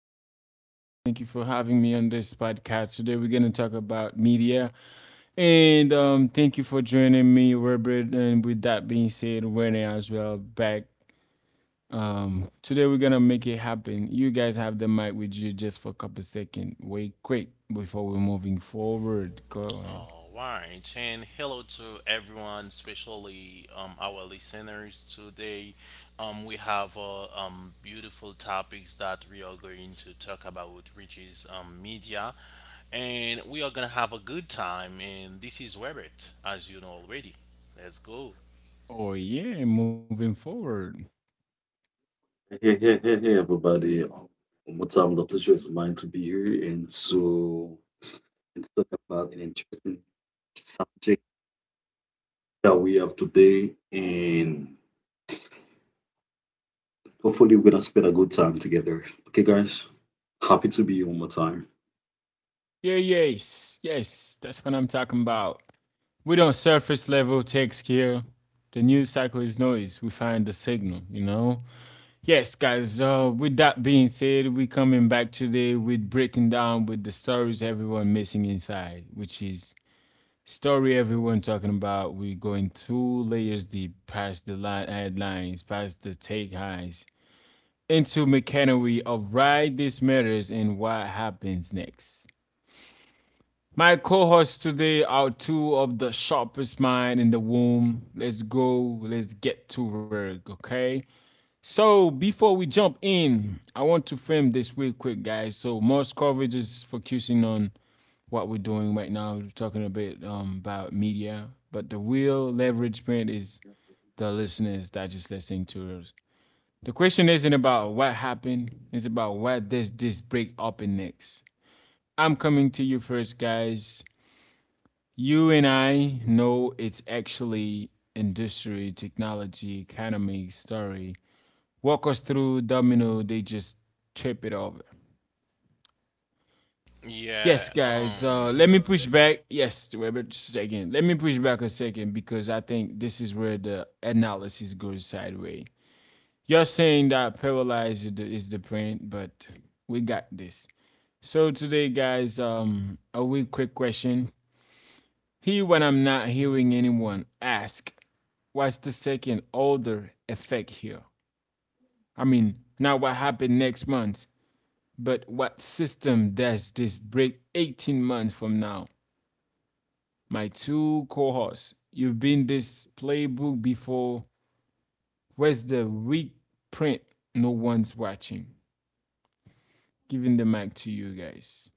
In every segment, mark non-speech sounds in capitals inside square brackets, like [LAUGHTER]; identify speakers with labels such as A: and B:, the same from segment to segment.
A: back. Thank you for having me on this podcast. Today we're gonna talk about media. And Thank you for joining me, Robert. And with that being said, Renee as well back. Today we're gonna make it happen. You guys have the mic with you just for a couple seconds. Wait quick before we're moving forward. Go ahead.
B: All right, and hello to everyone. Today, we have beautiful topics that we are going to talk about media.
A: Oh yeah, moving forward.
C: Hey, hey, hey, hey, everybody. One more time, the pleasure is mine to be here and so and to talk about an interesting subject that we have today. And hopefully, we're going to spend a good time together. Okay, guys? Happy to be here one more time.
A: Yeah, yes, yes, that's what I'm talking about. We don't surface level text here. The news cycle is noise. We find the signal, you know? Yes, guys, with that being said, we coming back today with breaking down with the stories everyone missing inside, which is story everyone talking about. We going two layers deep, past the line, headlines, past the take highs, into mechanery of why this matters and what happens next. My co hosts today are two of the sharpest mind in the womb. Let's go, let's get to work, okay? So, before we jump in, I want to frame this real quick, guys. So, most coverage is focusing on what we're doing right now. We're talking a bit about media, but the real leverage point is the listeners that just listening to us. The question isn't about what happened, it's about what does this break up in next. I'm coming to you first, guys. You and I know it's actually industry, technology, economy story. Walk us through domino, they just trip it over. Yes,
B: Yeah, um,
A: guys, let me push back. Yes, wait a second. Let me push back a second because I think this is where the analysis goes sideways. You're saying that paralyzed is the print, but we got this. So today, guys, a wee quick question. Here when I'm not hearing anyone ask, what's the second order effect here? I mean, not what happened next month, but what system does this break 18 months from now? My two cohorts, you've been this playbook before. Where's the weak print? No one's watching. Giving the mic to you guys.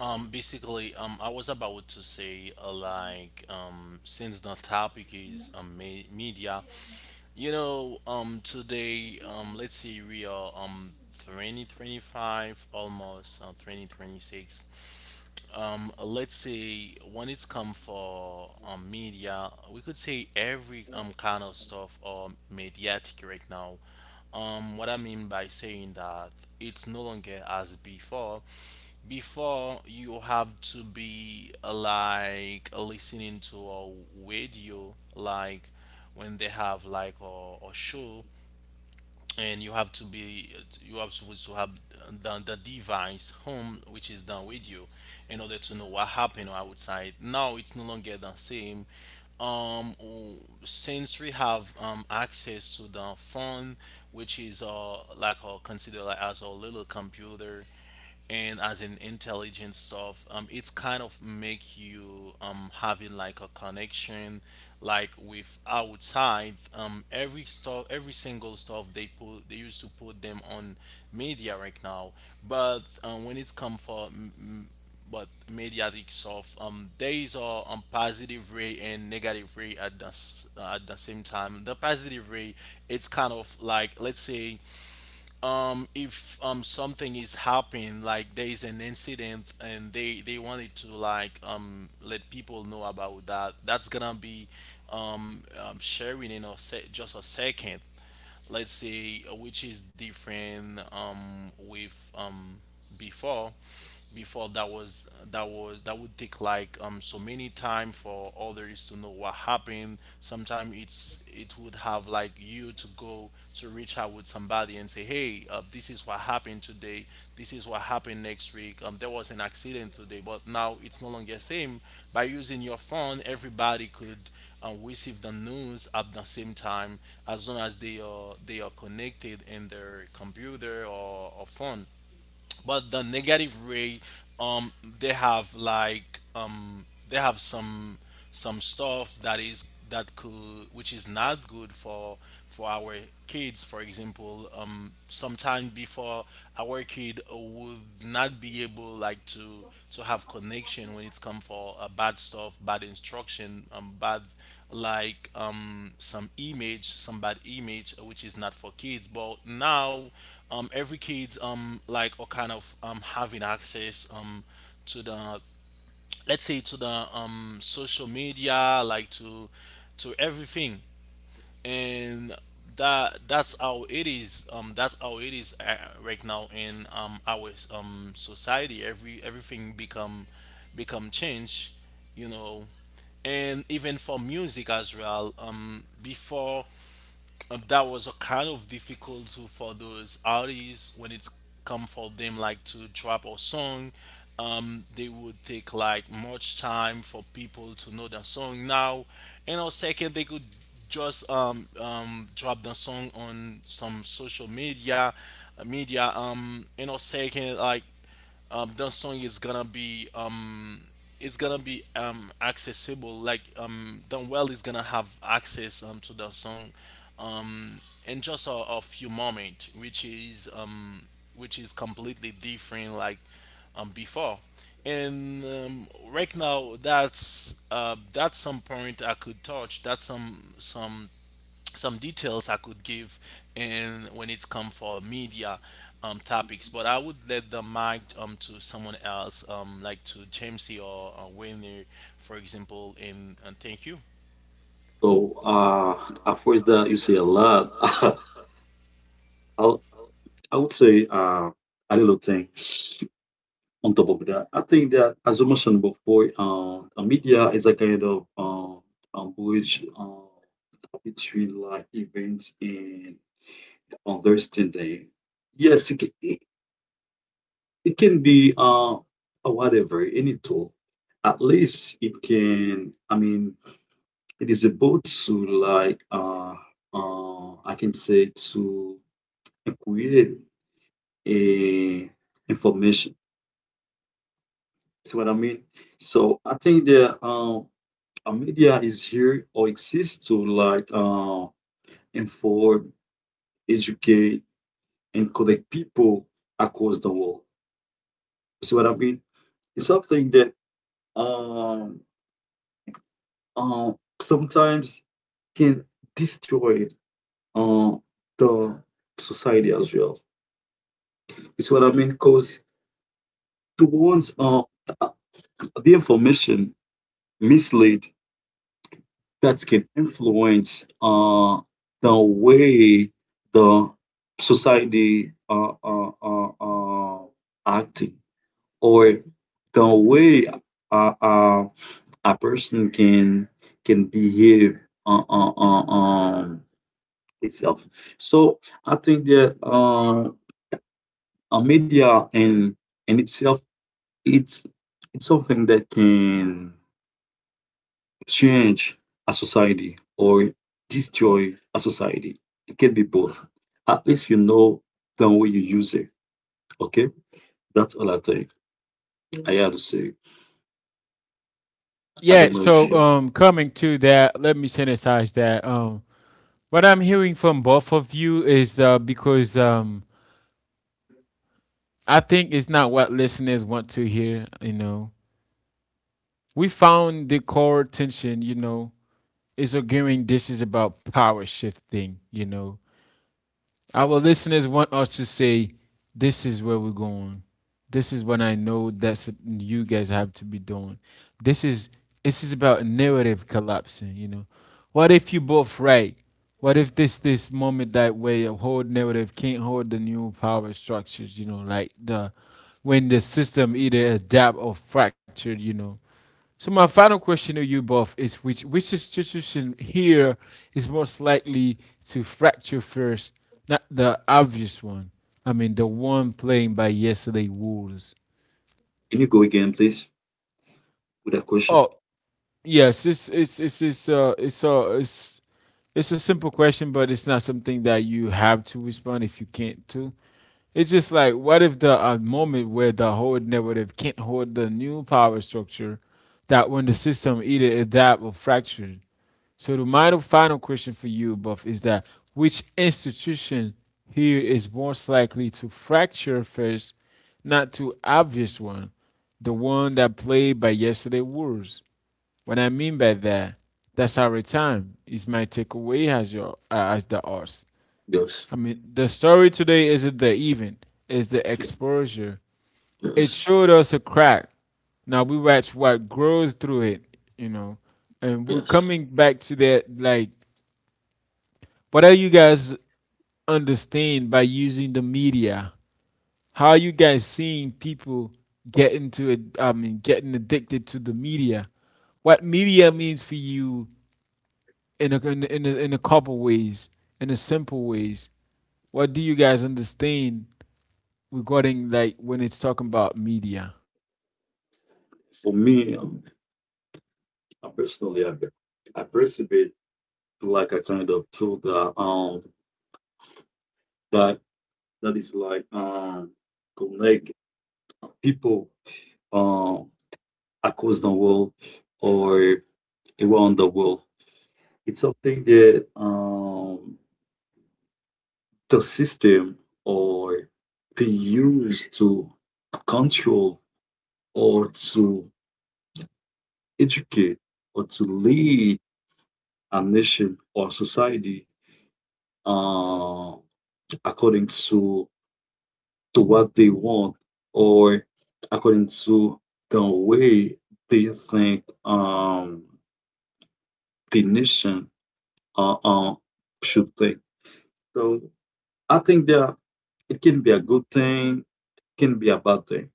B: I was about to say, like, since the topic is media, today, let's say we are 2025, almost 2026. Let's say when it's come for media, we could say every kind of stuff or mediatic right now. What I mean by saying that it's no longer as before you have to be like listening to a radio like when they have like a show, and you have to be, you have supposed to have the device home, which is the radio, in order to know what happened outside. Now it's no longer the same. um w- since we have access to the phone, which is considered like as a little computer and as an intelligent stuff, it's kind of make you having like a connection like with outside. Every stuff, every single stuff they put, they used to put them on media right now. But when it's come for but mediatic stuff, there is a positive way and negative way at the at the same time. The positive way, it's kind of like, let's say, if something is happening, like there is an incident, and they wanted to like let people know about that, that's gonna be sharing in just a second, let's say, which is different with before. That would take like so many time for others to know what happened. Sometimes it would have like you to go to reach out with somebody and say, hey, this is what happened today, this is what happened next week, there was an accident today. But now it's no longer same. By using your phone, everybody could and receive the news at the same time, as long as they are connected in their computer or phone. But the negative way, um they have like they have some stuff that is that could, which is not good for our kids. For example, sometime before, our kid would not be able like to have connection when it's come for bad stuff, bad instruction, bad like some image, some bad image, which is not for kids. But now, every kids like are kind of having access to the, let's say to the social media, like to everything. And that's how it is, that's how it is right now in our society. Every everything become change, you know. And even for music as well, before, that was a kind of difficult to, for those artists when it's come for them like to drop a song, they would take like much time for people to know the song. Now in a second, they could just drop the song on some social media, and or second like, the song is gonna be it's gonna be accessible. Like the well is gonna have access to the song um, in just a few moments, which is completely different. Like before. And right now, that's some point I could touch. That's some details I could give in when it's come for media topics. But I would let the mic to someone else, like to Jamesy or Winner, for example, and thank you.
C: So, at first, that you say a lot, [LAUGHS] I'll, I would say a little thing. On top of that, I think that, as I mentioned before, media is a kind of bridge between like events and understanding. Yes, it, it can be whatever, any tool. At least it can, I mean, it is able to like, I can say to create a information. See what I mean? So I think that a media is here or exists to like inform, educate, and connect people across the world. You see what I mean? It's something that um, uh, sometimes can destroy uh, the society as well. You see what I mean? Because the ones uh, the information mislead that can influence the way the society acting or the way a person can behave uh, uh, uh, um, itself. So I think that media in itself it's it's something that can change a society or destroy a society. It can be both. At least you know the way you use it. Okay? That's all I think. I had to say. I
A: Yeah,
C: don't know if
A: so
C: you
A: coming to that, let me synthesize that. What I'm hearing from both of you is because I think it's not what listeners want to hear, you know. We found the core tension, you know, is arguing this is about power shifting, you know. Our listeners want us to say, this is where we're going. This is what I know that's you guys have to be doing. This is this is about narrative collapsing, you know. What if you both right? What if this moment that way a whole narrative can't hold the new power structures, you know, like the when the system either adapt or fractured, you know. So my final question to you both is which institution here is most likely to fracture first? Not the obvious one. I mean the one playing by yesterday Wolves.
C: Can you go again please with that question?
A: Oh yes, it's a simple question, but it's not something that you have to respond if you can't to. It's just like what if the moment where the whole narrative can't hold the new power structure that when the system either adapt or fracture. So the minor final question for you, Buff, is that which institution here is most likely to fracture first, not too obvious one, the one that played by yesterday Wolves. What I mean by that, that's our time. Is my takeaway as your as the arse.
C: Yes.
A: I mean, the story today isn't the event; it's the exposure. It
C: Yes.
A: showed us a crack. Now we watch what grows through it, you know, and we're
C: Yes.
A: coming back to that like what are you guys understand by using the media? How are you guys seeing people get into it? I mean, getting addicted to the media. What media means for you in a couple ways, in a simple ways. What do you guys understand regarding like when it's talking about media?
C: For me, I personally I perceive it like a kind of tool that that is like connect people um across the world or around the world. It's something that the system or they use to control or to educate or to lead a nation or society uh, according to what they want or according to the way they think the nation uh, uh, should think. So I think that it can be a good thing can be a bad thing.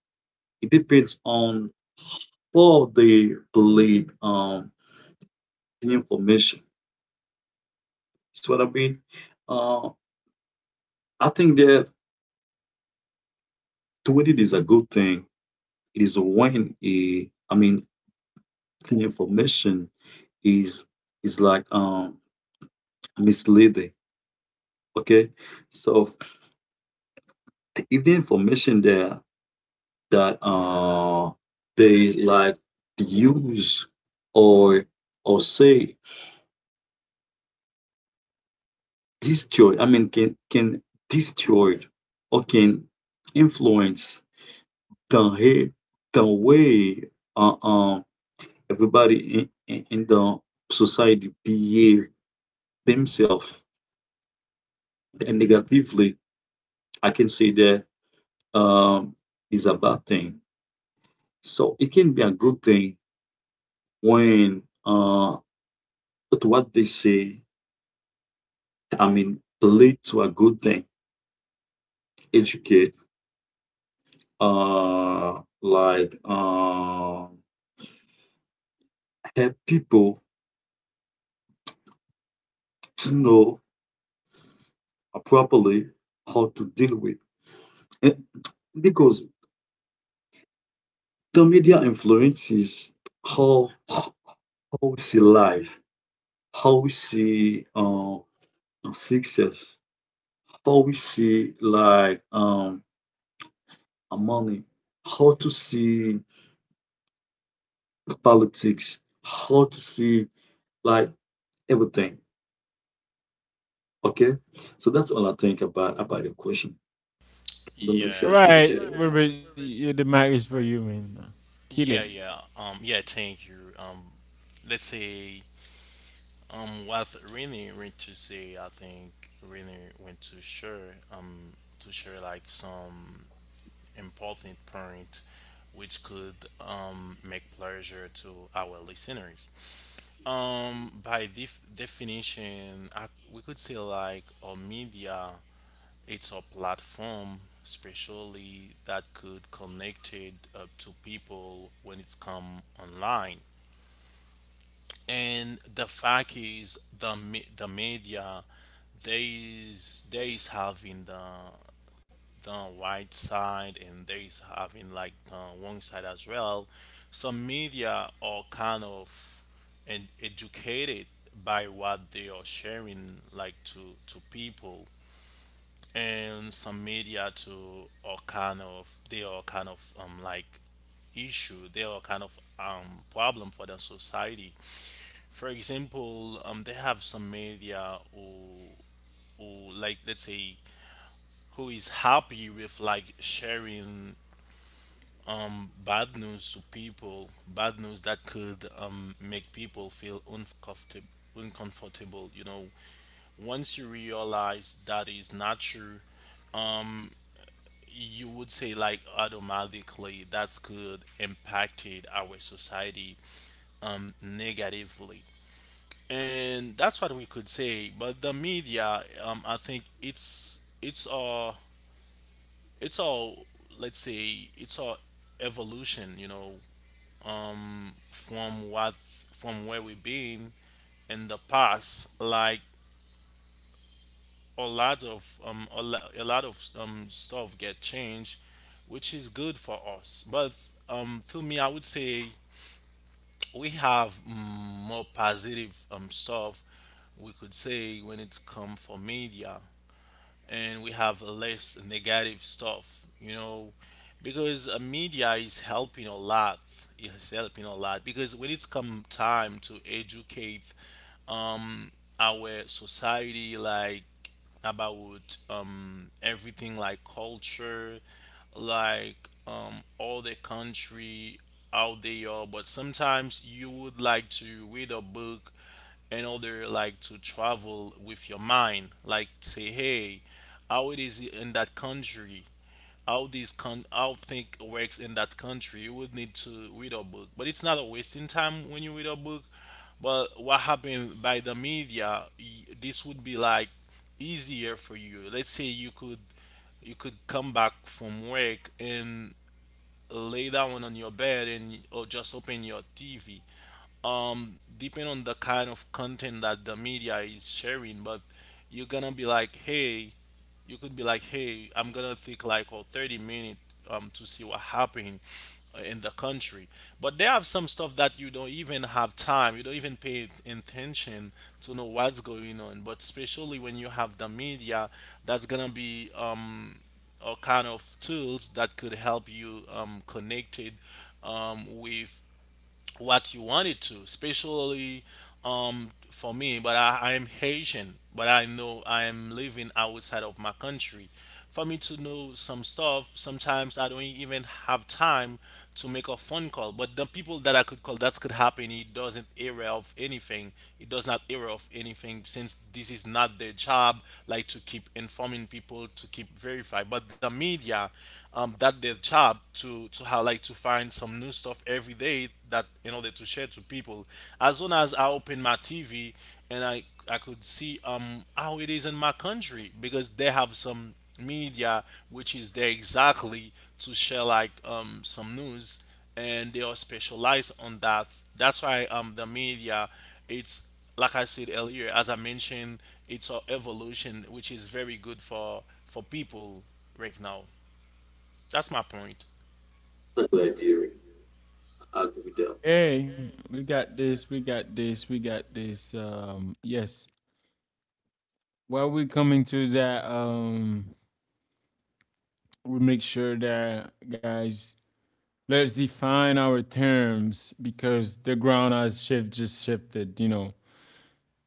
C: It depends on how they believe the information. See what I mean? Uh, I think that when is a good thing, it is when I mean the information is is like misleading. Okay, so if the information there that they like use or or say destroy, I mean, can destroy or can influence the the way uh, uh, everybody in the society behave themselves and negatively. I can say that um, is a bad thing. So it can be a good thing when but what they say. I mean, lead to a good thing. Educate, uh, like uh, help people to know properly how to deal with. And because the media influences how we see life, how we see success, how we see like money, how to see politics, how to see like everything. Okay, so that's all I think about your question. I don't know if you
B: Yeah,
C: agree with
A: Right,
C: that or not.
A: Robert, you- the mic is for you, man. Kill it.
B: yeah, thank you. Let's say what Winner went to say, I think Winner went to share like some important point which could make pleasure to our listeners. By definition, we could say like a media, it's a platform, especially that could connect it up to people when it's come online. And the fact is, the the media, they is having the white side, and there is having like the wrong side as well. Some media are kind of and educated by what they are sharing like to people. And some media too are kind of, they are kind of like issue, they are kind of problem for the society. For example, they have some media who like, let's say, who is happy with like sharing bad news to people, bad news that could make people feel uncomfortable. Uncomfortable, you know. Once you realize that is not true, you would say like automatically that's could impacted our society negatively, and that's what we could say. But the media, I think it's all, let's say it's all evolution, you know, from what, from where we've been in the past. Like a lot of a lot of stuff get changed, which is good for us. But to me, I would say we have more positive stuff, we could say, when it's come for media, and we have less negative stuff, you know. Because media is helping a lot. It's helping a lot because when it's come time to educate um, our society, like about everything like culture, like all the country, how they are. But sometimes you would like to read a book in order like to travel with your mind, like say, hey, how it is in that country, how this con, how think works in that country, you would need to read a book. But it's not a wasting time when you read a book. But what happened by the media, this would be like easier for you. Let's say you could, you could come back from work and lay down on your bed and or just open your TV, depend on the kind of content that the media is sharing. But you're gonna be like, hey, you could be like, hey, I'm gonna take like oh, 30 minutes to see what happened in the country. But they have some stuff that you don't even have time, you don't even pay attention to know what's going on. But especially when you have the media, that's gonna be or kind of tools that could help you connected with what you wanted to, especially for me. But I am Haitian, but I know I am living outside of my country. For me to know some stuff, sometimes I don't even have time to make a phone call. But the people that I could call, that could happen. It doesn't area of anything. It does not area of anything, since this is not their job, like to keep informing people, to keep verify. But the media, that their job, to have like to find some new stuff every day that, in order to share to people. As soon as I open my TV and I could see how it is in my country, because they have some media which is there exactly to share like some news, and they are specialized on that. That's why the media, it's, like I said earlier, as I mentioned, it's an evolution which is very good for people right now. That's my point.
C: That's a good idea. I agree with that.
A: Hey, we got this. Yes. While we're coming to that, we make sure that guys, let's define our terms because the ground has shift just shifted. You know,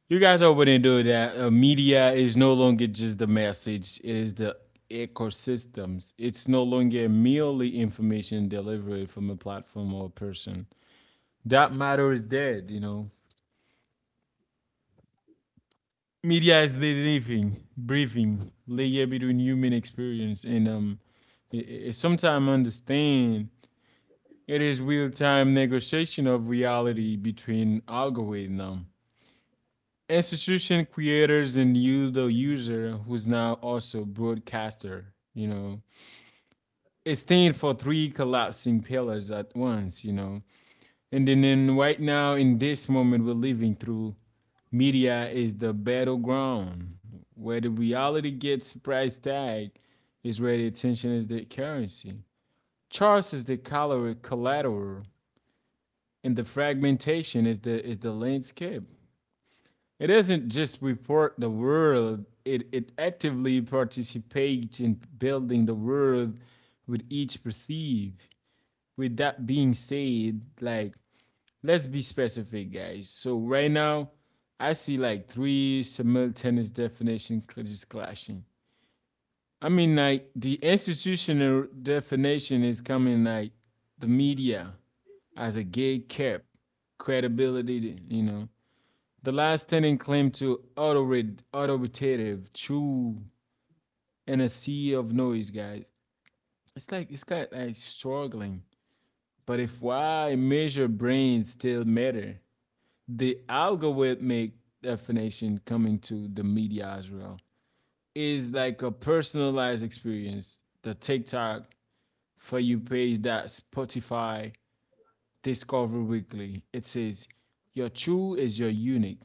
A: you guys already know that media is no longer just the message; it is the ecosystems. It's no longer merely information delivered from a platform or a person. That matter is dead. You know, media is the living, breathing layer between human experience and sometimes understand it is real-time negotiation of reality between algorithm, institution creators, and you, the user, who's now also broadcaster. You know, it stands for three collapsing pillars at once. You know, And then right now in this moment we're living through, media is the battleground where the reality gets price tag is where the attention is the currency. Charts is the color collateral and the fragmentation is the landscape. It doesn't just report the world, it actively participates in building the world with each perceive. With that being said, like let's be specific, guys. So right now, I see like three simultaneous definition just clashing. I mean, like the institutional definition is coming like the media as a gate kept credibility. You know, the last tenant claimed to authoritative, true, and a sea of noise, guys. It's like it's kind of like struggling. But if why measure brains still matter, the algorithmic definition coming to the media's realm is like a personalized experience. The TikTok for you page that Spotify Discover Weekly. It says your true is your unique.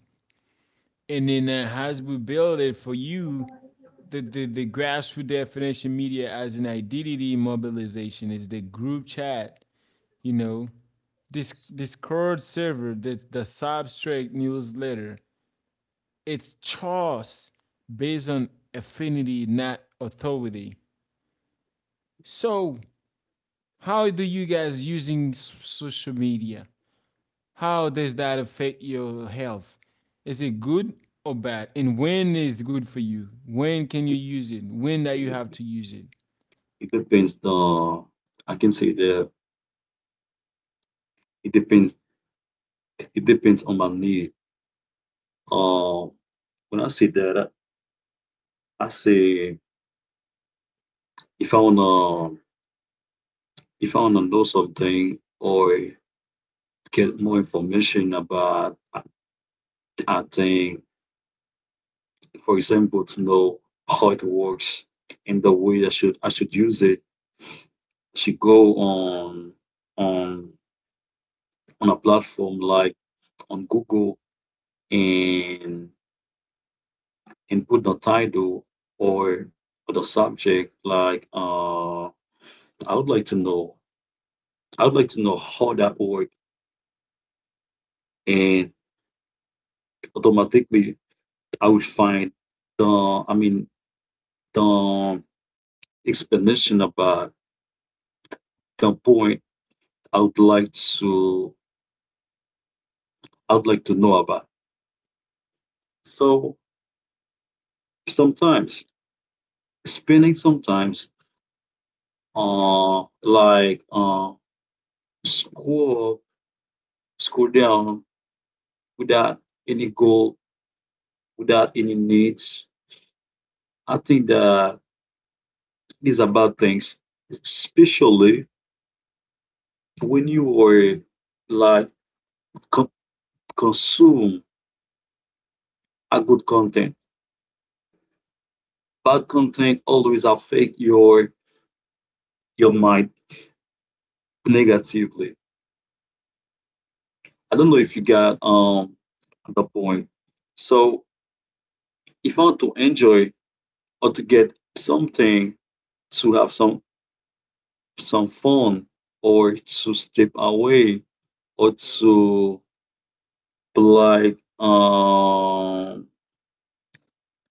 A: And then it has we build it for you the grassroots definition media as an identity mobilization is the group chat, you know, this Discord server, the substrate newsletter. It's choice based on affinity, not authority. So, how do you guys using social media? How does that affect your health? Is it good or bad? And when is it good for you? When can you use it? When that you have to use it?
C: It depends the I can say that it depends it depends on my need. Uh, when I say that, I say if I wanna if I wanna know something or get more information about a thing, for example, to know how it works and the way I should use it, I should go on on a platform like on Google and and put the title or or the subject like I would like to know I would like to know how that work and automatically I would find the I mean the explanation about the point I would like to I would like to know about. So sometimes spending sometimes uh like uh scroll scroll down without any goal without any needs I think that is about things, especially when you are like co- consume a good content. Bad content always affect your mind negatively. I don't know if you got the point. So if I want to enjoy or to get something to have some fun or to step away or to like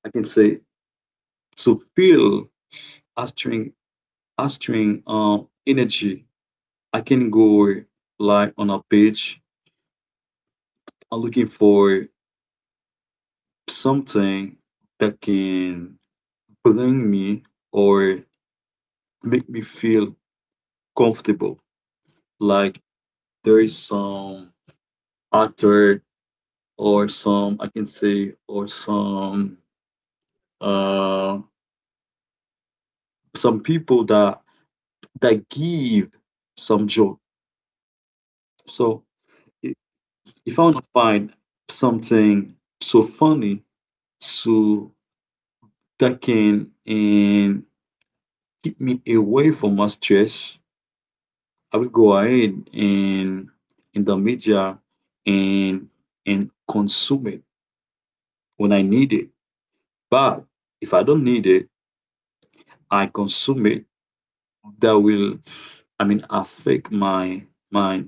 C: I can say to feel a string a string energy. I can go like on a page, I'm looking for something that can bring me or make me feel comfortable. Like there is some actor or some I can say or uh some people that that give some joke. So i- if I want to find something so funny so that can and keep me away from my stress, I will go ahead and in the media and and consume it when I need it. But if I don't need it, I consume it. That will, I mean, affect my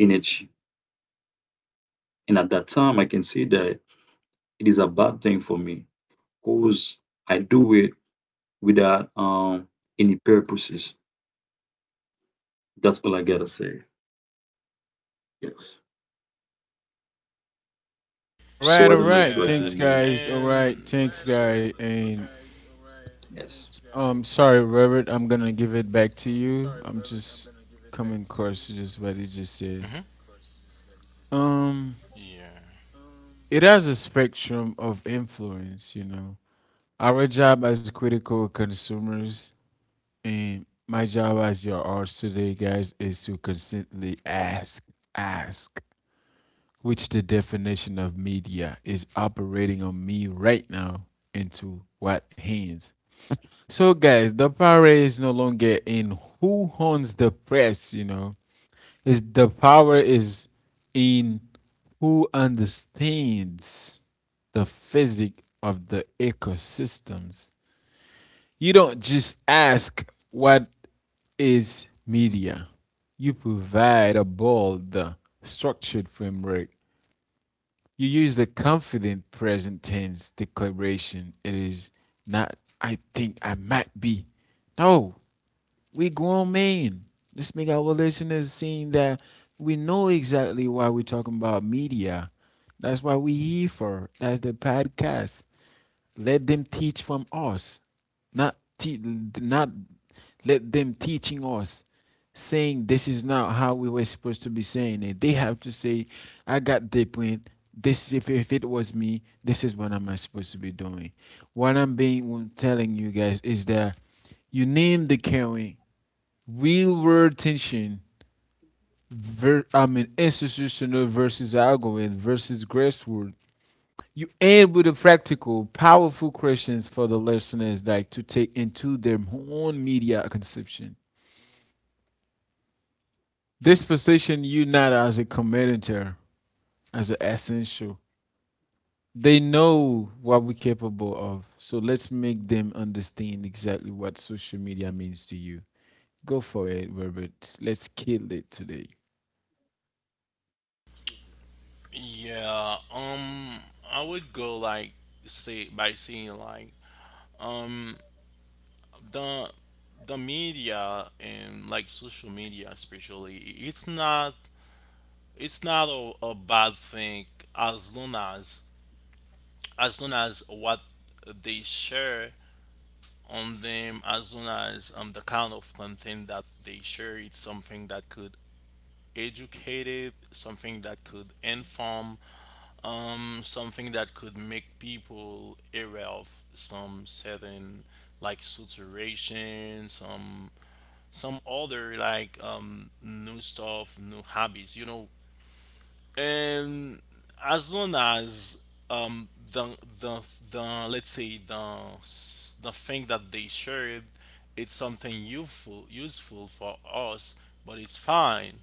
C: energy. And at that time, I can see that it is a bad thing for me because I do it without any purposes. That's all I gotta say. Yes.
B: Yeah,
A: All
C: So
A: right,
C: I
A: all
C: don't know if
A: right.
C: you agree
A: Thanks,
C: with
B: and
C: me.
A: guys. All right, thanks, guy. And
C: Yes.
A: sorry, Robert. I'm gonna give it back to you. I'm just coming across
B: and mhm,
A: just what he just said.
B: yeah,
A: Um. It has a spectrum of influence, you know. Our job as critical consumers and my job as your arts today, guys, is to constantly ask, which the definition of media is operating on me right now into what hands. So, guys, the power is no longer in who owns the press, you know is the power is in who understands the physics of the ecosystems. You don't just ask what is media. You provide a bold, structured framework. You use the confident present tense declaration. It is not, I think I might be. No, we grown men. This us make our listeners seeing that we know exactly why we're talking about media. That's why we here for. That's the podcast. Let them teach from us, not te- not let them teaching us, saying this is not how we were supposed to be saying it. They have to say, I got different. This if it was me, this is what I am supposed to be doing. What I'm being telling you guys is that you name the caring, real world tension institutional versus algorithm versus grassroots. You end with a practical powerful questions for the listeners like to take into their own media consumption. This position you not as a commentator as an essential. They know what we're capable of, so let's make them understand exactly what social media means to you. Go for it, Robert, let's kill it today.
B: yeah. I would go like say by saying like um the the media and like social media especially. It's not, it's not a bad thing, as long as long as what they share on them, as long as the kind of content that they share, it's something that could educate, it something that could inform, something that could make people aware of some certain like saturation, some other like new stuff, new hobbies, you know. And as long as um the the the, let's say the the thing that they shared, it's something useful, useful for us, but it's fine.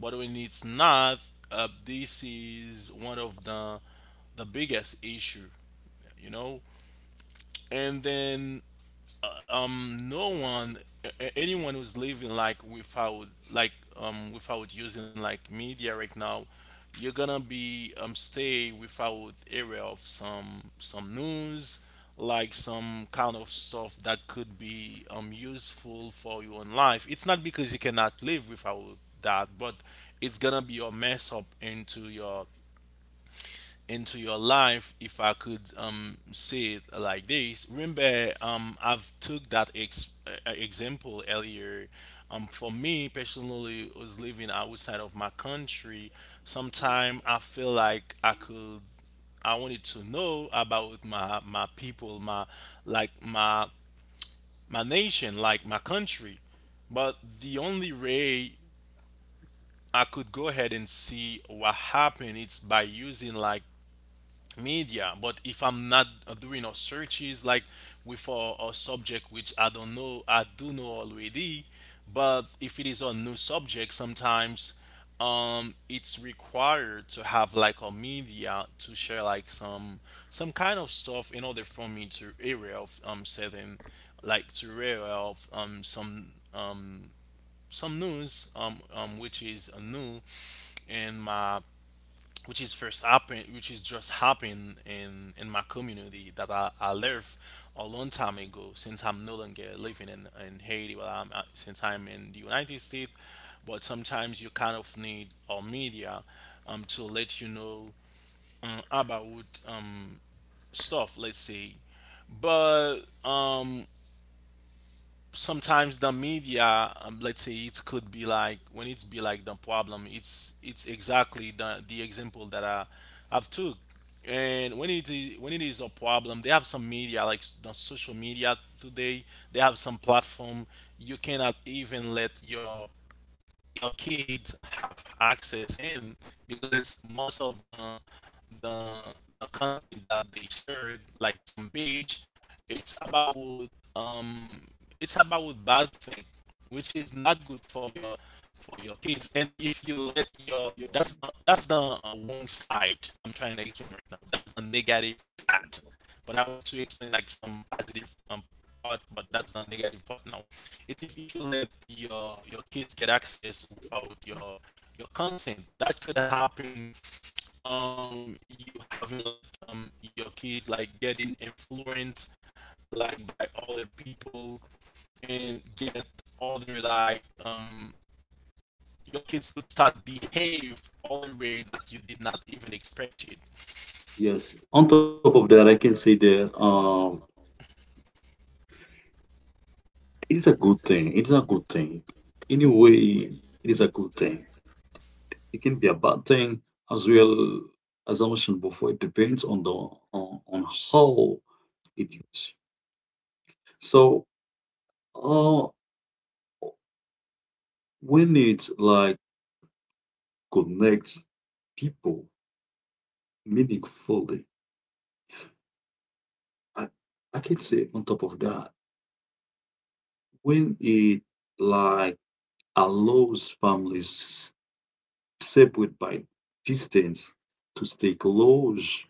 B: But when it's not, this is one of the biggest issue, you know. And then no one a- anyone who's living like without without using like media right now, you're gonna be stay without area of some news, like some kind of stuff that could be useful for your own life. It's not because you cannot live without that, but it's gonna be a mess up into your life, if I could say it like this. Remember, I've took that example earlier. For me personally, was living outside of my country. Sometime I feel like I wanted to know about my people, my like my nation, like my country. But the only way I could go ahead and see what happened, it's by using like media. But if I'm not doing a searches, like with a subject which I don't know, I do know already. But if it is a new subject, sometimes it's required to have like a media to share like some kind of stuff in order for me to area of certain, like to area of um some news, which is new in my, which is just happened in my community that I live a long time ago, since I'm no longer living in Haiti, but I'm since I'm in the United States. But sometimes you kind of need our media to let you know, about stuff, let's say. But sometimes the media, let's say, it could be like when it's be like the problem, it's exactly the example that I've took. And when it is a problem, they have some media, the social media today. They have some platform, you cannot even let your kids have access in, because most of the the content that they shared, like some page, it's about um it's about bad thing which is not good for your kids. And if you let your, that's the wrong side I'm trying to explain right now, that's the negative part. But I went to explain like some positive part, but that's the negative part now. It, if you let your kids get access without your consent, that could happen. You having like your kids like getting influenced like by other people, and get other like your kids could start behave other way that you did not even expect it.
C: Yes. On top of that, I can say that it is a good thing. It is a good thing. Anyway, it is a good thing. It can be a bad thing as well. As I mentioned before, it depends on how it used. So uh when it like connects people meaningfully, I, I can say on top of that when it like allows families separated by distance to stay close,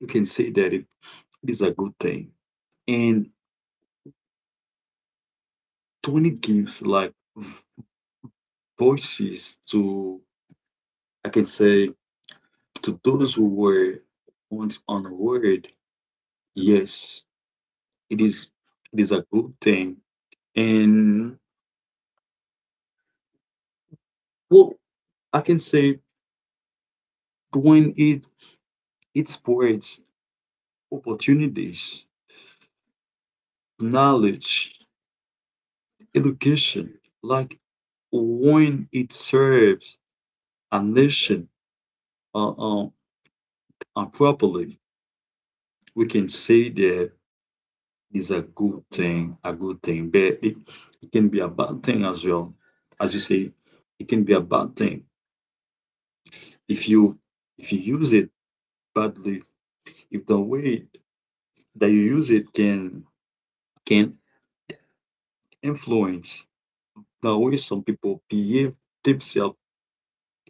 C: you can say that it is a good thing. And when it gives like voices to, I can say, to those who were once unheard, yes, it is it is a good thing. And well, I can say when it spreads opportunities, knowledge, education, like when it serves a nation uh, uh, properly, we can say that is a good thing, but it can be a bad thing as well. As you say, it can be a bad thing if you if you use it badly, if the way that you use it can influence the way some people behave themselves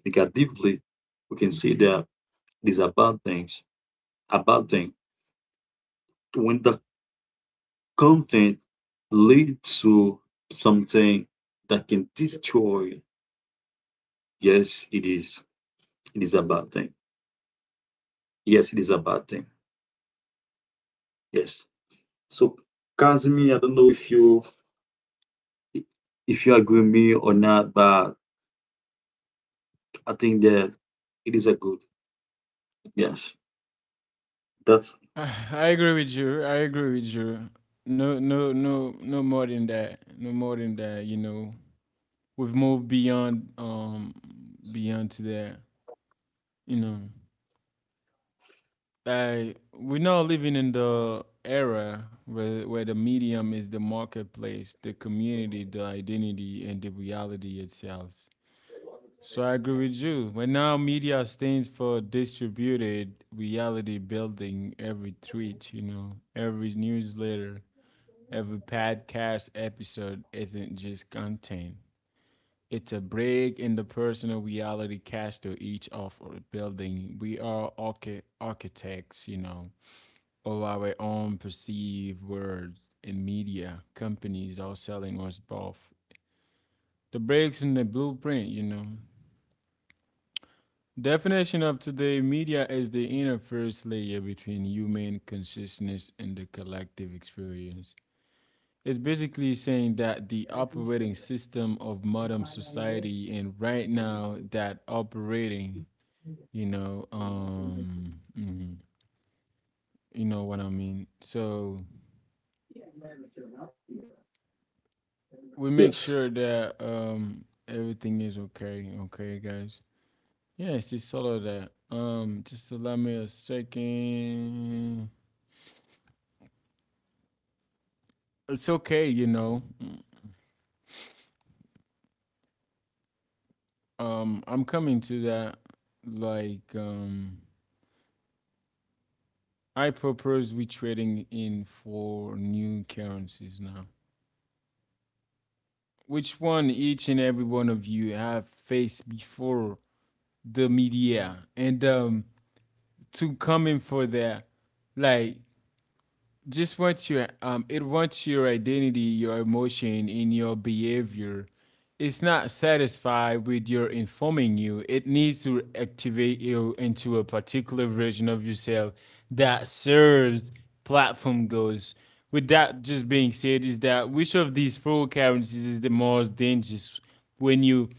C: negatively, we can say that these are bad things, a bad thing. When the content leads to something that can destroy, yes, it is. It is a bad thing. Yes, it is a bad thing. Yes. So, Kazmi, I don't know if you agree with me or not, but I think that it is a good. Yes, that's
A: [SIGHS] Ah, I agree with you. No, no more than that. No more than that. You know, we've moved beyond, beyond to that. You know, I we're now living in the era where the medium is the marketplace, the community, the identity, and the reality itself. So I agree with you. But now media stands for distributed reality building every tweet, you know, every newsletter. Every podcast episode isn't just content. It's a break in the personal reality cast to each of our building. We are architects, you know, of our own perceived words in media. Companies are selling us both. The breaks in the blueprint, you know. Definition of today media is the interface layer between human consciousness and the collective experience. It's basically saying that the operating system of modern society and right now that operating, you know, mhm, you know what I mean. So we make
C: yes.
A: sure that everything is okay, okay, guys. Yes, it's all of that. Just allow me a second. It's okay, you know. I'm coming to that. Like, um, I propose we trading in four new currencies now. Which one each and every one of you have faced before the media and to come in for that, like just wants your it wants your identity, your emotion in your behavior. It's not satisfied with your informing you, it needs to activate you into a particular version of yourself that serves platform goals. With that just being said, is that which of these four currencies is the most dangerous when you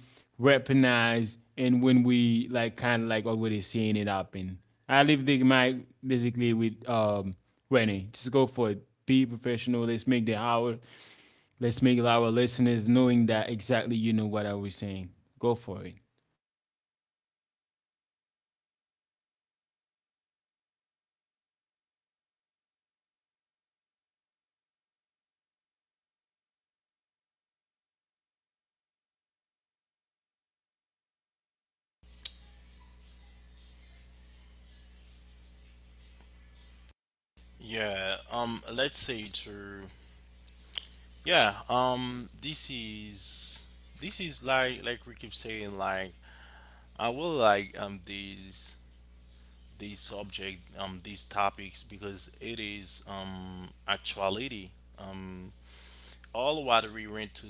A: weaponize, and when we kind of already seeing it happen. I leave the mic basically with ready. Just go for it. Be professional. Let's make the hour. Let's make our listeners knowing that exactly you know what I was saying. Go for it.
B: Yeah, let's say to Yeah, this is like, we keep saying, like, I will like these subject these topics, because it is actuality, um all what we went to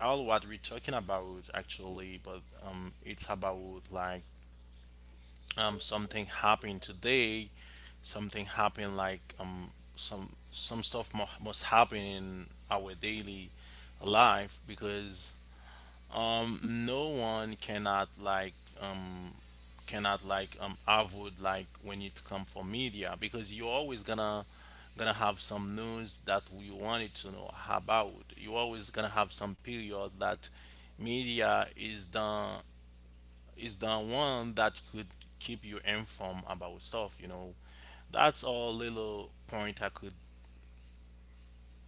B: all what we're talking about actually. But it's about, like, something happened today, something happened, like, some some stuff must happen in our daily life. Because um no one cannot um avoid like when it come for media, because you're always gonna have some news that we wanted to know about. You're always gonna have some period that media is the one that could keep you informed about stuff. That's all little point i could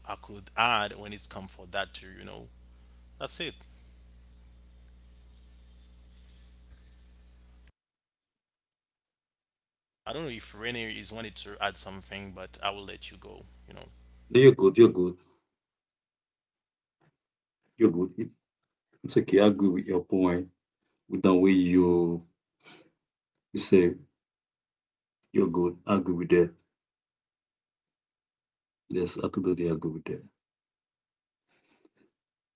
B: i could add when it's come for that too. That's it. I don't know if Rene is wanted to add something, but I will let you go, you know.
C: No, you're good. You're good. You're good. It- It's okay. I agree with your point. With the way you say you're good. I agree with that. Yes, I totally agree with that.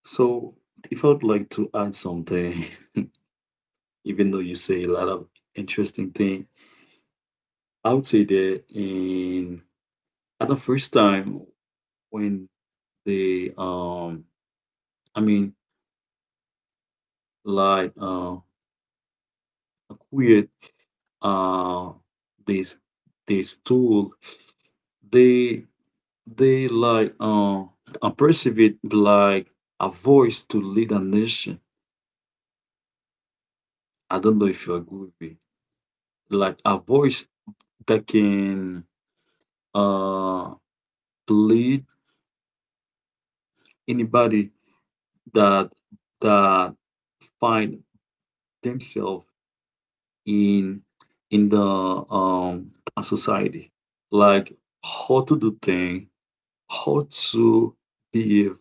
C: So, if I would like to add something, [LAUGHS] even though you say a lot of interesting thing, I would say that in at the first time when they I mean like acquired uh this this tool, they they like perceive it like a voice to lead a nation. I don't know if you agree with me. Like a voice that can uh lead anybody that that find themselves in in the society like how to do things how to behave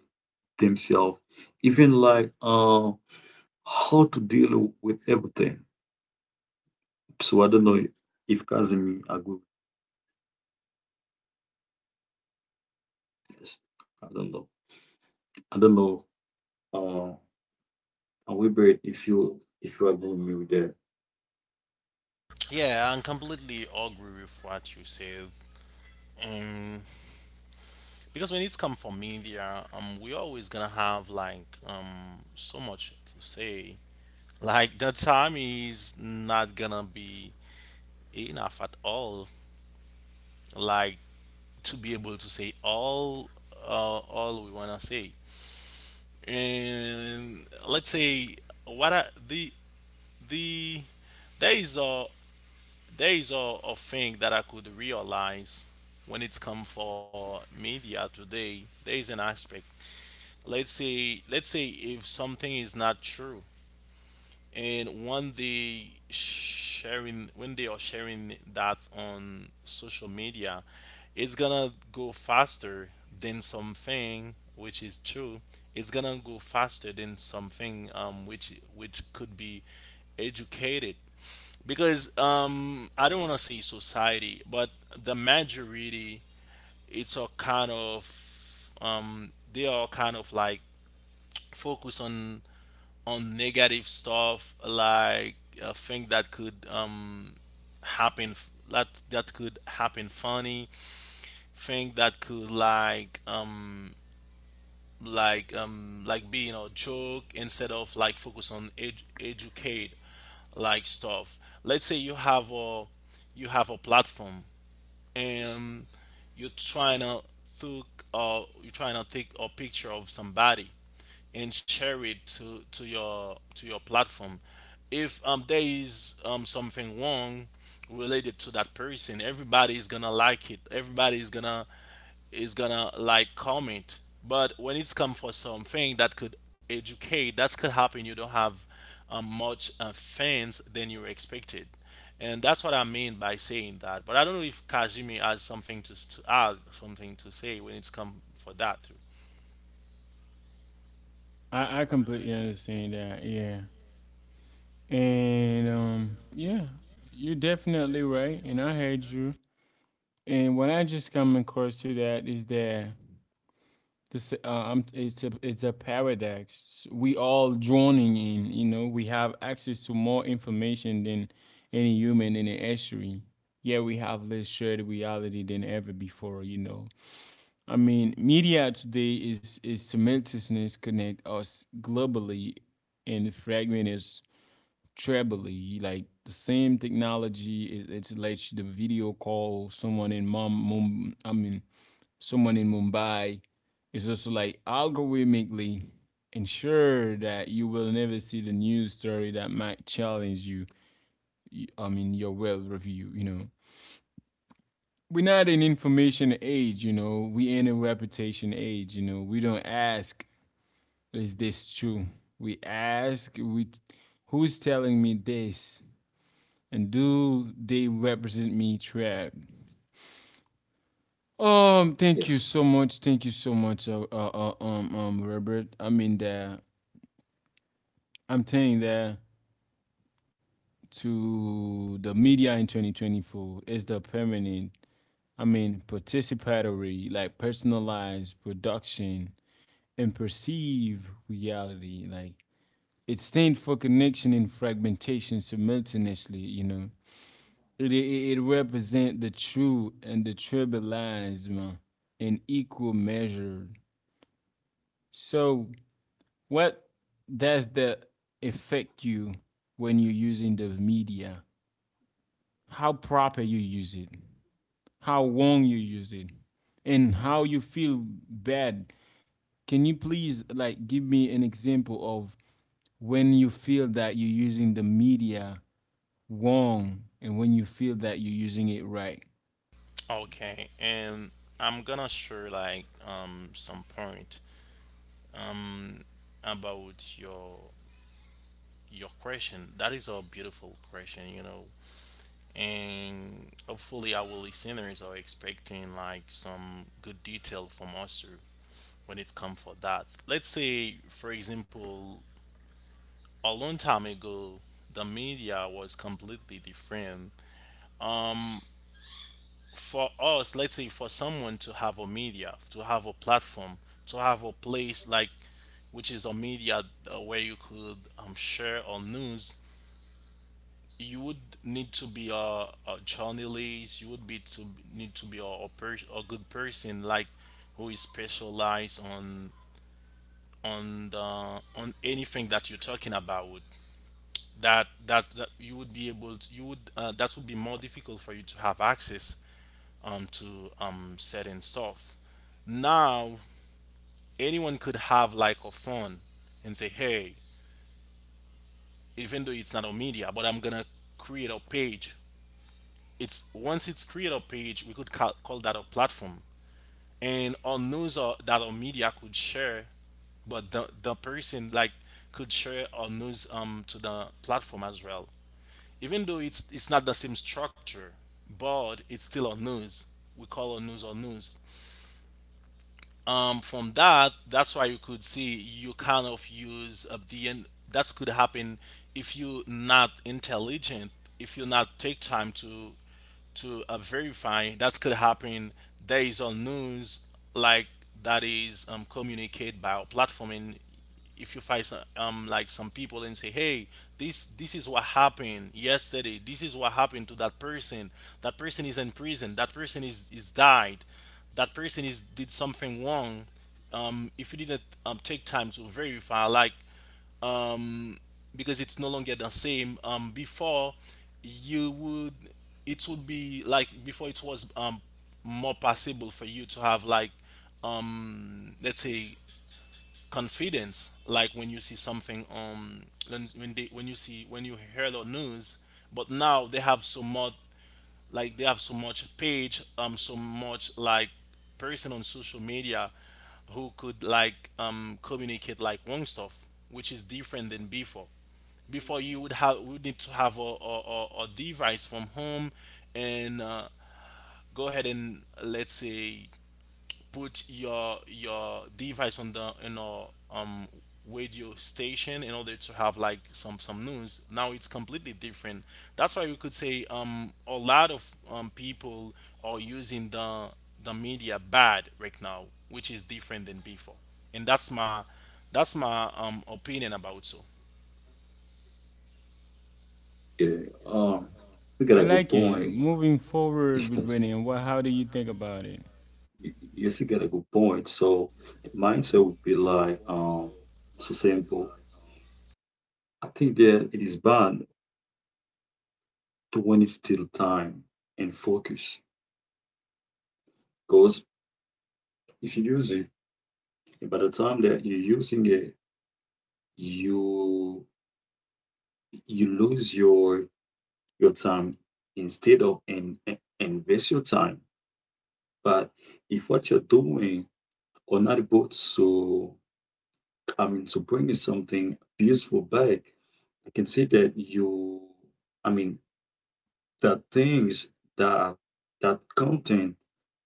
C: themselves even like how to deal with everything. So I don't know if Kazemi agree with this. i don't know I don't know uh Wilbert, if you agree with me with that.
B: Yeah, I completely agree with what you said. Um, because when it's come from media, we always gonna have like so much to say. Like the time is not gonna be enough at all. Like to be able to say uh, all we wanna say. And let's say, what I, the there is a there is a thing that I could realize when it's come for media today. There is an aspect. Let's say if something is not true, and when they are sharing that on social media, it's gonna go faster than something which is true. It's gonna go faster than something, which could be educated, because I don't want to say society, but the majority, it's a kind of, they are kind of like focus on, negative stuff, like thing that could happen, that could happen. Funny thing that could like being a joke, instead of like focus on educate like stuff. Let's say you have a platform,
C: Yes.
B: and you're trying to think, you're trying to take a picture of somebody and share it to your platform. If there is something wrong related to that person, everybody is gonna like it, everybody is gonna like comment. But when it's come for something that could educate, that could happen, you don't have much fans than you expected. And that's what I mean by saying that. But I don't know if kajimi has something to add, something to say when it's come for that.
A: I completely understand that. Yeah. And yeah, you're definitely right. And I heard you. And what I just come across to that is that this it's a paradox. We all drowning in. You know, we have access to more information than any human in the history. Yet we have less shared reality than ever before. You know, I mean, media today is simultaneousness connect us globally and fragment us trebly. Like the same technology, it lets the video call someone in mom, mom. I mean, someone in Mumbai is also like algorithmically ensure that you will never see the news story that might challenge you. I mean, your well review, you know. We're not in information age, you know. We in a reputation age, you know. We don't ask, is this true? We ask, we who's telling me this? And do they represent me trap? Thank you
C: Yes.
A: so much. Thank you so much, Robert. I mean, the I'm telling that to the media in 2024 is the permanent, I mean, participatory, like personalized production and perceive reality. Like it stands for connection and fragmentation simultaneously, you know. It represents the true and the tribalism in equal measure. So what does that affect you when you're using the media? How proper you use it, how long you use it, and how you feel bad. Can you please like give me an example of when you feel that you're using the media wrong, and when you feel that you're using it right?
B: Okay, and I'm gonna share like some point um about your question. That is a beautiful question. And hopefully our listeners are expecting like some good detail from us too, when it comes for that. Let's say, for example, a long time ago the media was completely different for us. Let's say, for someone to have a media, to have a platform, to have a place like, which is a media, where you could, share on news, you would need to be a journalist. You would be to need to be a good person like, who is specialized on the on anything that you're talking about. That, you would be able to you would that would be more difficult for you to have access to certain stuff. Now anyone could have like a phone and say, hey, even though it's not a media, but I'm gonna create a page. It's Once it's create a page, we could call that a platform. And on news or that our media could share, but the person, like, could share or news to the platform as well. Even though it's not the same structure, but it's still a news. We call a news or news. From that, that's why you could see you kind of use the end. That could happen if you're not intelligent, if you not take time to, verify. That could happen. There is a news, like, that is, communicated by our platform, and if you find some, like some people, and say, hey, this is what happened yesterday, this is what happened to that person. That person is in prison, that person is died, that person is did something wrong. If you didn't, take time to verify, like, because it's no longer the same before. You would It would be like before, it was more possible for you to have like, let's say, confidence, like when you see something, when they when you see when you hear the news. But now they have so much like they have so much page, so much, like, person on social media, who could like communicate like wrong stuff, which is different than before. Before you would have would need to have a device from home, and go ahead and, let's say, put your device on the, radio station, in order to have like some news. Now it's completely different. That's why we could say a lot of people are using the media bad right now, which is different than before. And that's my opinion about, so.
C: yeah um you got
A: I
C: a good
A: like it.
C: point.
A: Moving forward with
C: Yes,
A: Winnie, what how do you think about it?
C: yes, you get a good point. So the mindset would be like, so simple. I think that it is bad to when it's still time and focus. Because if you use it, by the time that you're using it, you you lose your time instead of and invest your time. But if what you're doing are not both so I mean, to bring you something beautiful back, I can see that you, I mean, that things that that content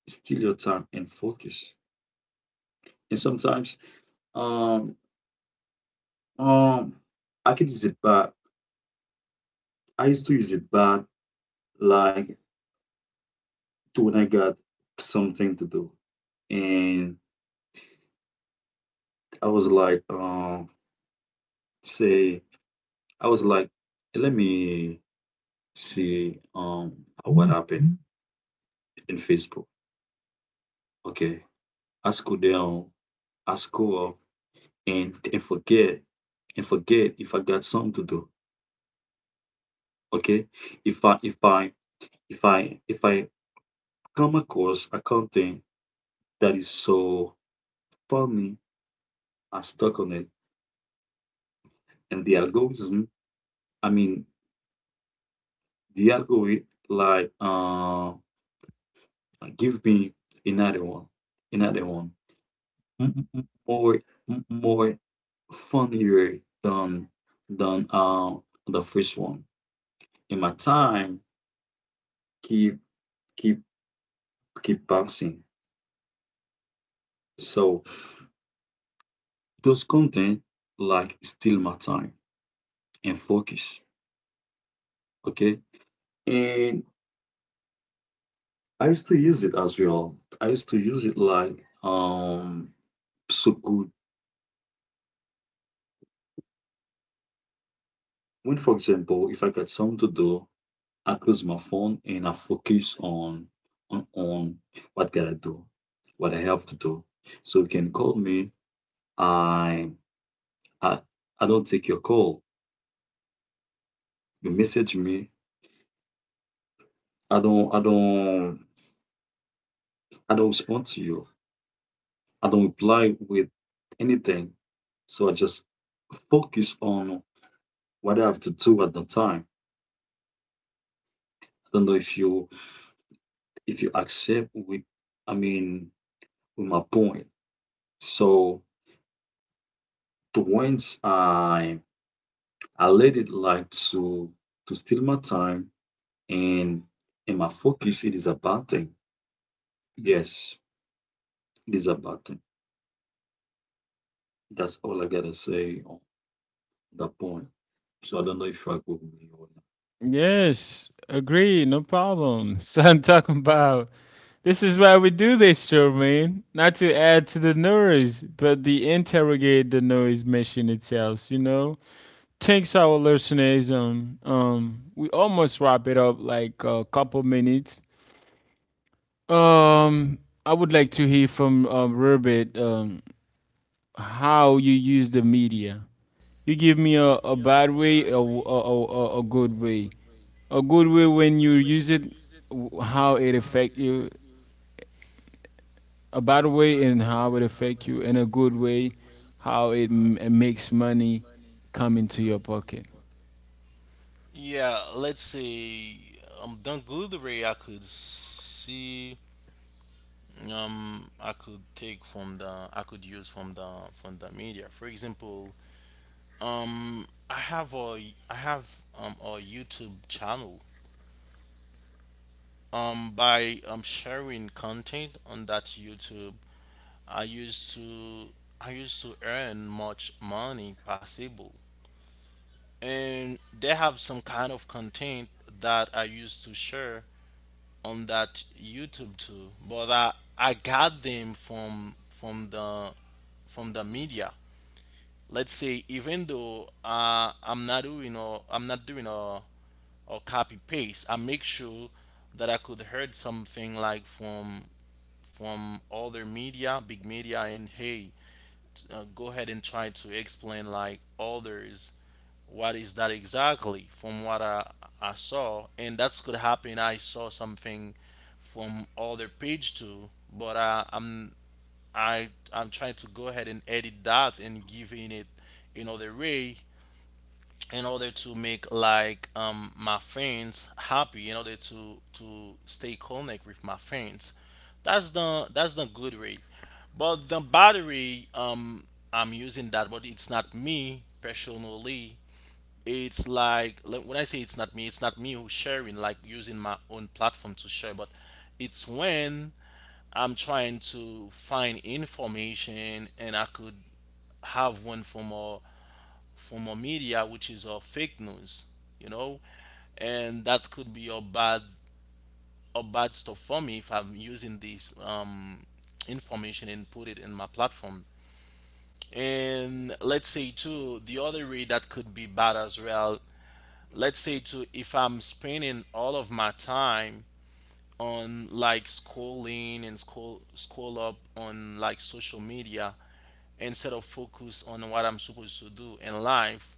C: steal your time and focus. And sometimes, um, um, I can use it back. I used to use it back like to when I got something to do, and I was like, say, I was like, let me see, what happened in Facebook. Okay, I scroll down I scroll up and and forget and forget if I got something to do. Okay. If I if I if I come across a content that is so funny, I stuck on it. And the algorithm, I mean the algorithm like give me another one, another one. More more funnier than than the first one. And my time keep keep keep passing. So those content like steal my time and focus. Okay. And I used to use it as well. I used to use it like so good. When for example, if I got something to do, I close my phone and I focus on what gotta do, what I have to do. So you can call me. I I I don't take your call. You message me. I don't I don't I don't respond to you. I don't reply with anything. So I just focus on what I have to do at the time. I don't know if you accept with I mean with my point. So the I I let it like to steal my time and and my focus it is a bad thing. Yes, it is a bad thing. That's all I gotta say on that point. So I don't know if you agree with me or not.
A: Yes, agree, no problem. [LAUGHS] So I'm talking about this is why we do this show, man. Not to add to the noise, but the interrogate the noise machine itself, you know? Thanks our listeners. Um, we almost wrap it up like a couple minutes. Um I would like to hear from Robert how you use the media. You give me a bad way, a, w- a good way. A good way when you use it, how it affect you. A bad way and how it affect you. And a good way, how it, it makes money come into your pocket.
B: Yeah, let's say, the good way I could see, I could use from the media. For example, um I have a I have a YouTube channel. By sharing content on that YouTube, I used to I used to earn much money possible. And they have some kind of content that I used to share on that YouTube too, but I got them from the media. Let's say, even though, I'm not doing a copy paste, I make sure that I could heard something like from other media, big media, and hey, go ahead and try to explain like others what is that exactly from what I saw. And that's could happen, I saw something from other page too, but I'm trying to go ahead and edit that and giving it another way, in order to make like my friends happy, in order to stay connect with my friends. That's the good way. But the battery, I'm using that, but it's not me personally. It's like, when I say it's not me who's sharing, like, using my own platform to share. But it's when I'm trying to find information, and I could have one from a form of media, which is fake news, you know, and that could be a bad stuff for me if I'm using this, information and put it in my platform. And let's say too, the other way that could be bad as well. Let's say too, if I'm spending all of my time on like scrolling and scroll up on like social media, instead of focus on what I'm supposed to do in life.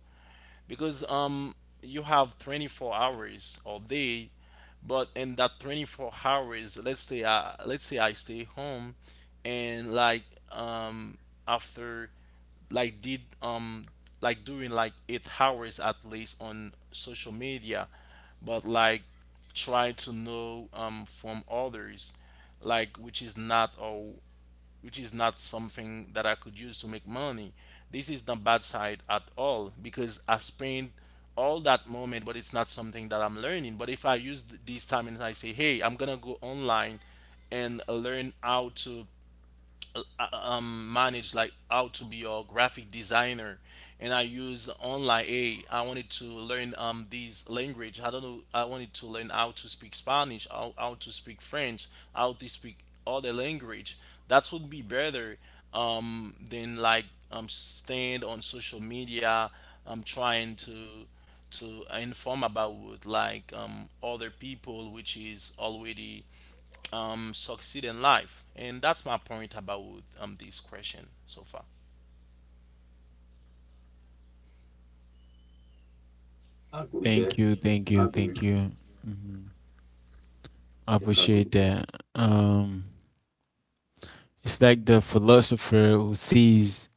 B: Because you have 24 hours all day, but in that 24 hours, let's say I stay home, and like, um after like, did like doing like 8 hours at least on social media, but like try to know from others, like, which is not all, which is not something that I could use to make money. This is the bad side at all because I spend all that moment, but it's not something that I'm learning. But if I use this time and I say, hey, I'm gonna go online and learn how to, manage, like how to be a graphic designer, and I use online, hey, I wanted to learn, this language I don't know, I wanted to learn how to speak Spanish, how to speak French, how to speak other language. That would be better than like, stand on social media, trying to inform about like other people, which is already, succeed in life. And that's my point about, this question so far.
C: I agree there.
A: Thank you,
C: I
A: thank you,
C: agree.
A: thank you. Hmm. I
C: Yes, I agree
A: appreciate
C: there.
A: that. Um, it's like the philosopher who sees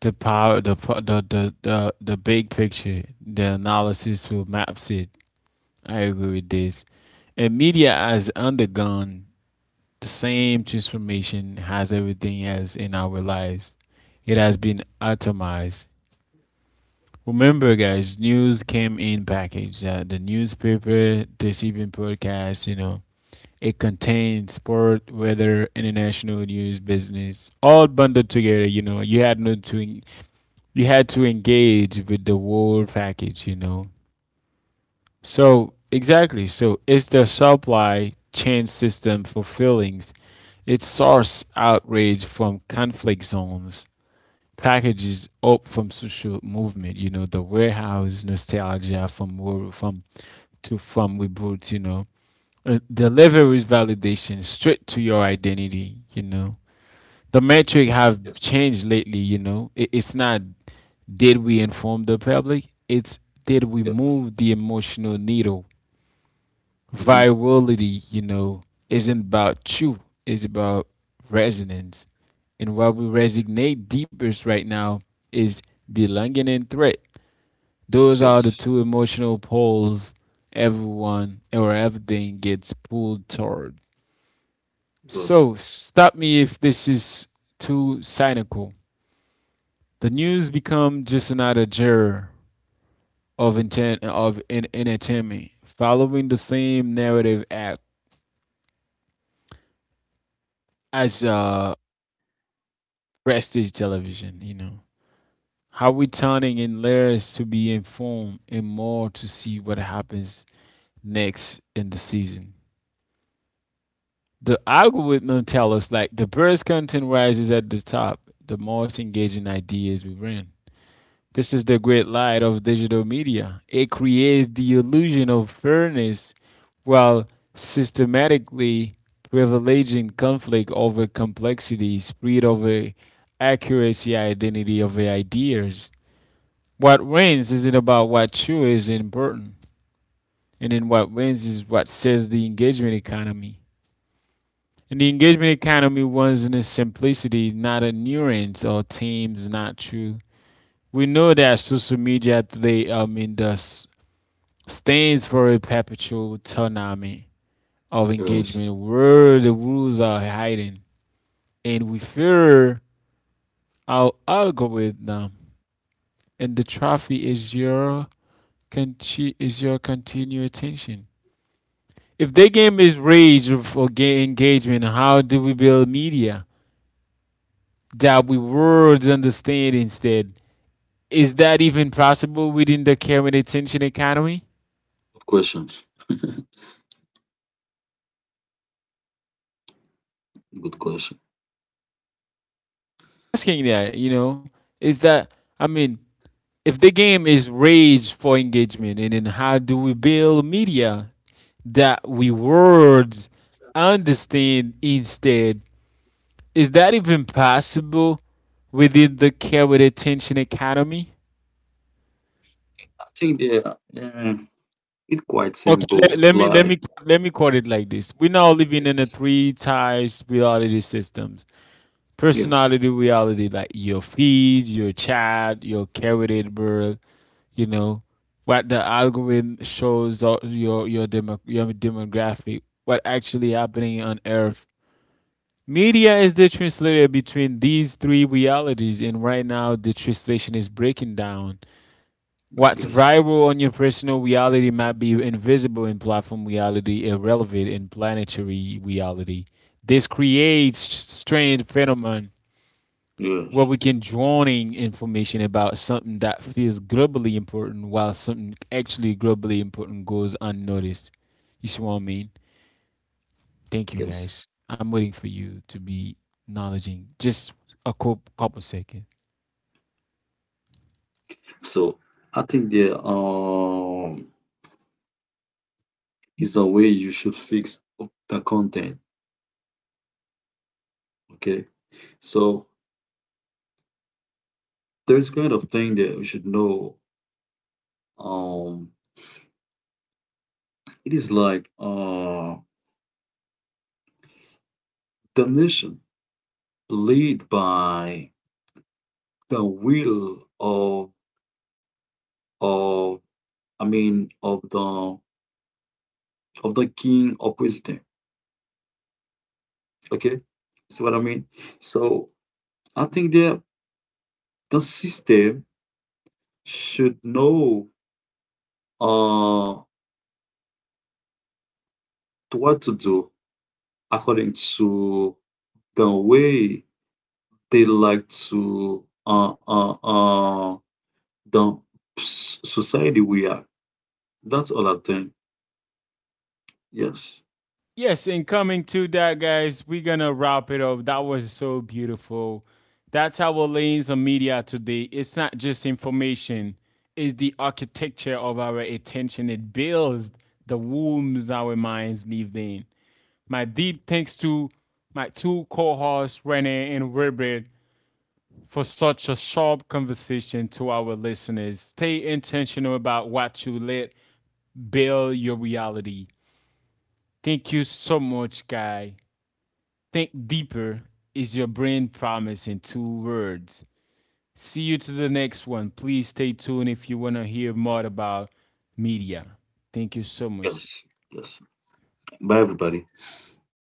A: the power, the big picture, the analysis who maps it. I agree with this. And media has undergone the same transformation as everything else in our lives. It has been atomized. Remember, guys, news came in package. The newspaper, this even podcast, you know, it contained sport, weather, international news, business, all bundled together. You know, you had no to, you had to engage with the whole package. You know, so exactly. So it's the supply chain system for feelings. It sources outrage from conflict zones, packages up from social movement. You know the warehouse nostalgia from wo- from to from we brought, you know. Deliveries validation straight to your identity. You know the metric
C: Yes.
A: have changed lately. You know it's not did we inform the public. It's did we
C: Yeah.
A: move the emotional needle.
C: Hmm.
A: Virality, you know, isn't about you, it's about resonance. And what we resonate deepest right now is belonging and threat. Those are the
C: Yes.
A: two emotional poles everyone or everything gets pulled toward.
C: Yes.
A: So stop me if this is too cynical. The news become just another genre of intent of entertainment, following the same narrative act as prestige television, you know. How we turning in layers to be informed and more to see what happens next in the season. The algorithm tell us like the best content rises at the top, the most engaging ideas we bring. This is the great light of digital media. It creates the illusion of fairness while systematically privileging conflict over complexity, speed over accuracy, identity over ideas. What wins isn't about what you is in Burton, and then what wins is what saves the engagement economy. And the engagement economy wins in its simplicity, not a nuance or themes, not true. We know that social media today, I mean, the stands for a perpetual tsunami of
C: Yes.
A: engagement where the rules are hiding, and we fear our algorithm, and the trophy is your continued attention. If the game is rage or gay engagement, how do we build media that we words understand instead? Is that even possible within the care and attention economy?
C: Good question. [LAUGHS] Good question.
A: Asking that, you know, is that, I mean, if the game is rage for engagement, and then how do we build media that we words understand instead? Is that even possible within the care with attention economy?
C: I think they are, it's quite
A: Okay, let,
C: simple.
A: let me let
C: Like
A: me let me quote it like this: we're now
C: yes,
A: living in a
C: yes,
A: three times reality systems:
C: yes,
A: personality reality, like your feeds, your chat, your curated world. You know what the algorithm shows, or your demo, your demographic. What actually happening on Earth? Media is the translator between these three realities, and right now the translation is breaking down. What's
C: yes,
A: viral on your personal reality might be invisible in platform reality, irrelevant in planetary reality. This creates strange phenomenon where
C: yes.
A: we can drowning information about something that feels globally important while something actually globally important goes unnoticed. You see what I mean? Thank you
C: Yes.
A: guys. I'm waiting for you to be acknowledging just a couple seconds.
C: So I think there is a way you should fix up the content. Okay. So there's kind of thing that you should know. Um, it is like the nation played by the will of I mean of the king or president. Okay, see what I mean? So I think that the system should know uh what to do according to the way they like to the society we are. That's all I think. Yes,
A: Yes, and coming to that, guys, we're gonna wrap it up. That was so beautiful. That's our lens of media today. It's not just information, it's the architecture of our attention. It builds the wombs our minds live in. My deep thanks to my two co-hosts, Renee and Robert, for such a sharp conversation to our listeners. Stay intentional about what you let build your reality. Thank you so much, guy. Think deeper is your brain promise in two words. See you to the next one. Please stay tuned
B: All
A: if you
B: right.
A: want to hear more about media. Thank you so much.
C: yes,
B: All
C: yes.
B: right. Thank you.
C: Bye everybody.
B: All right.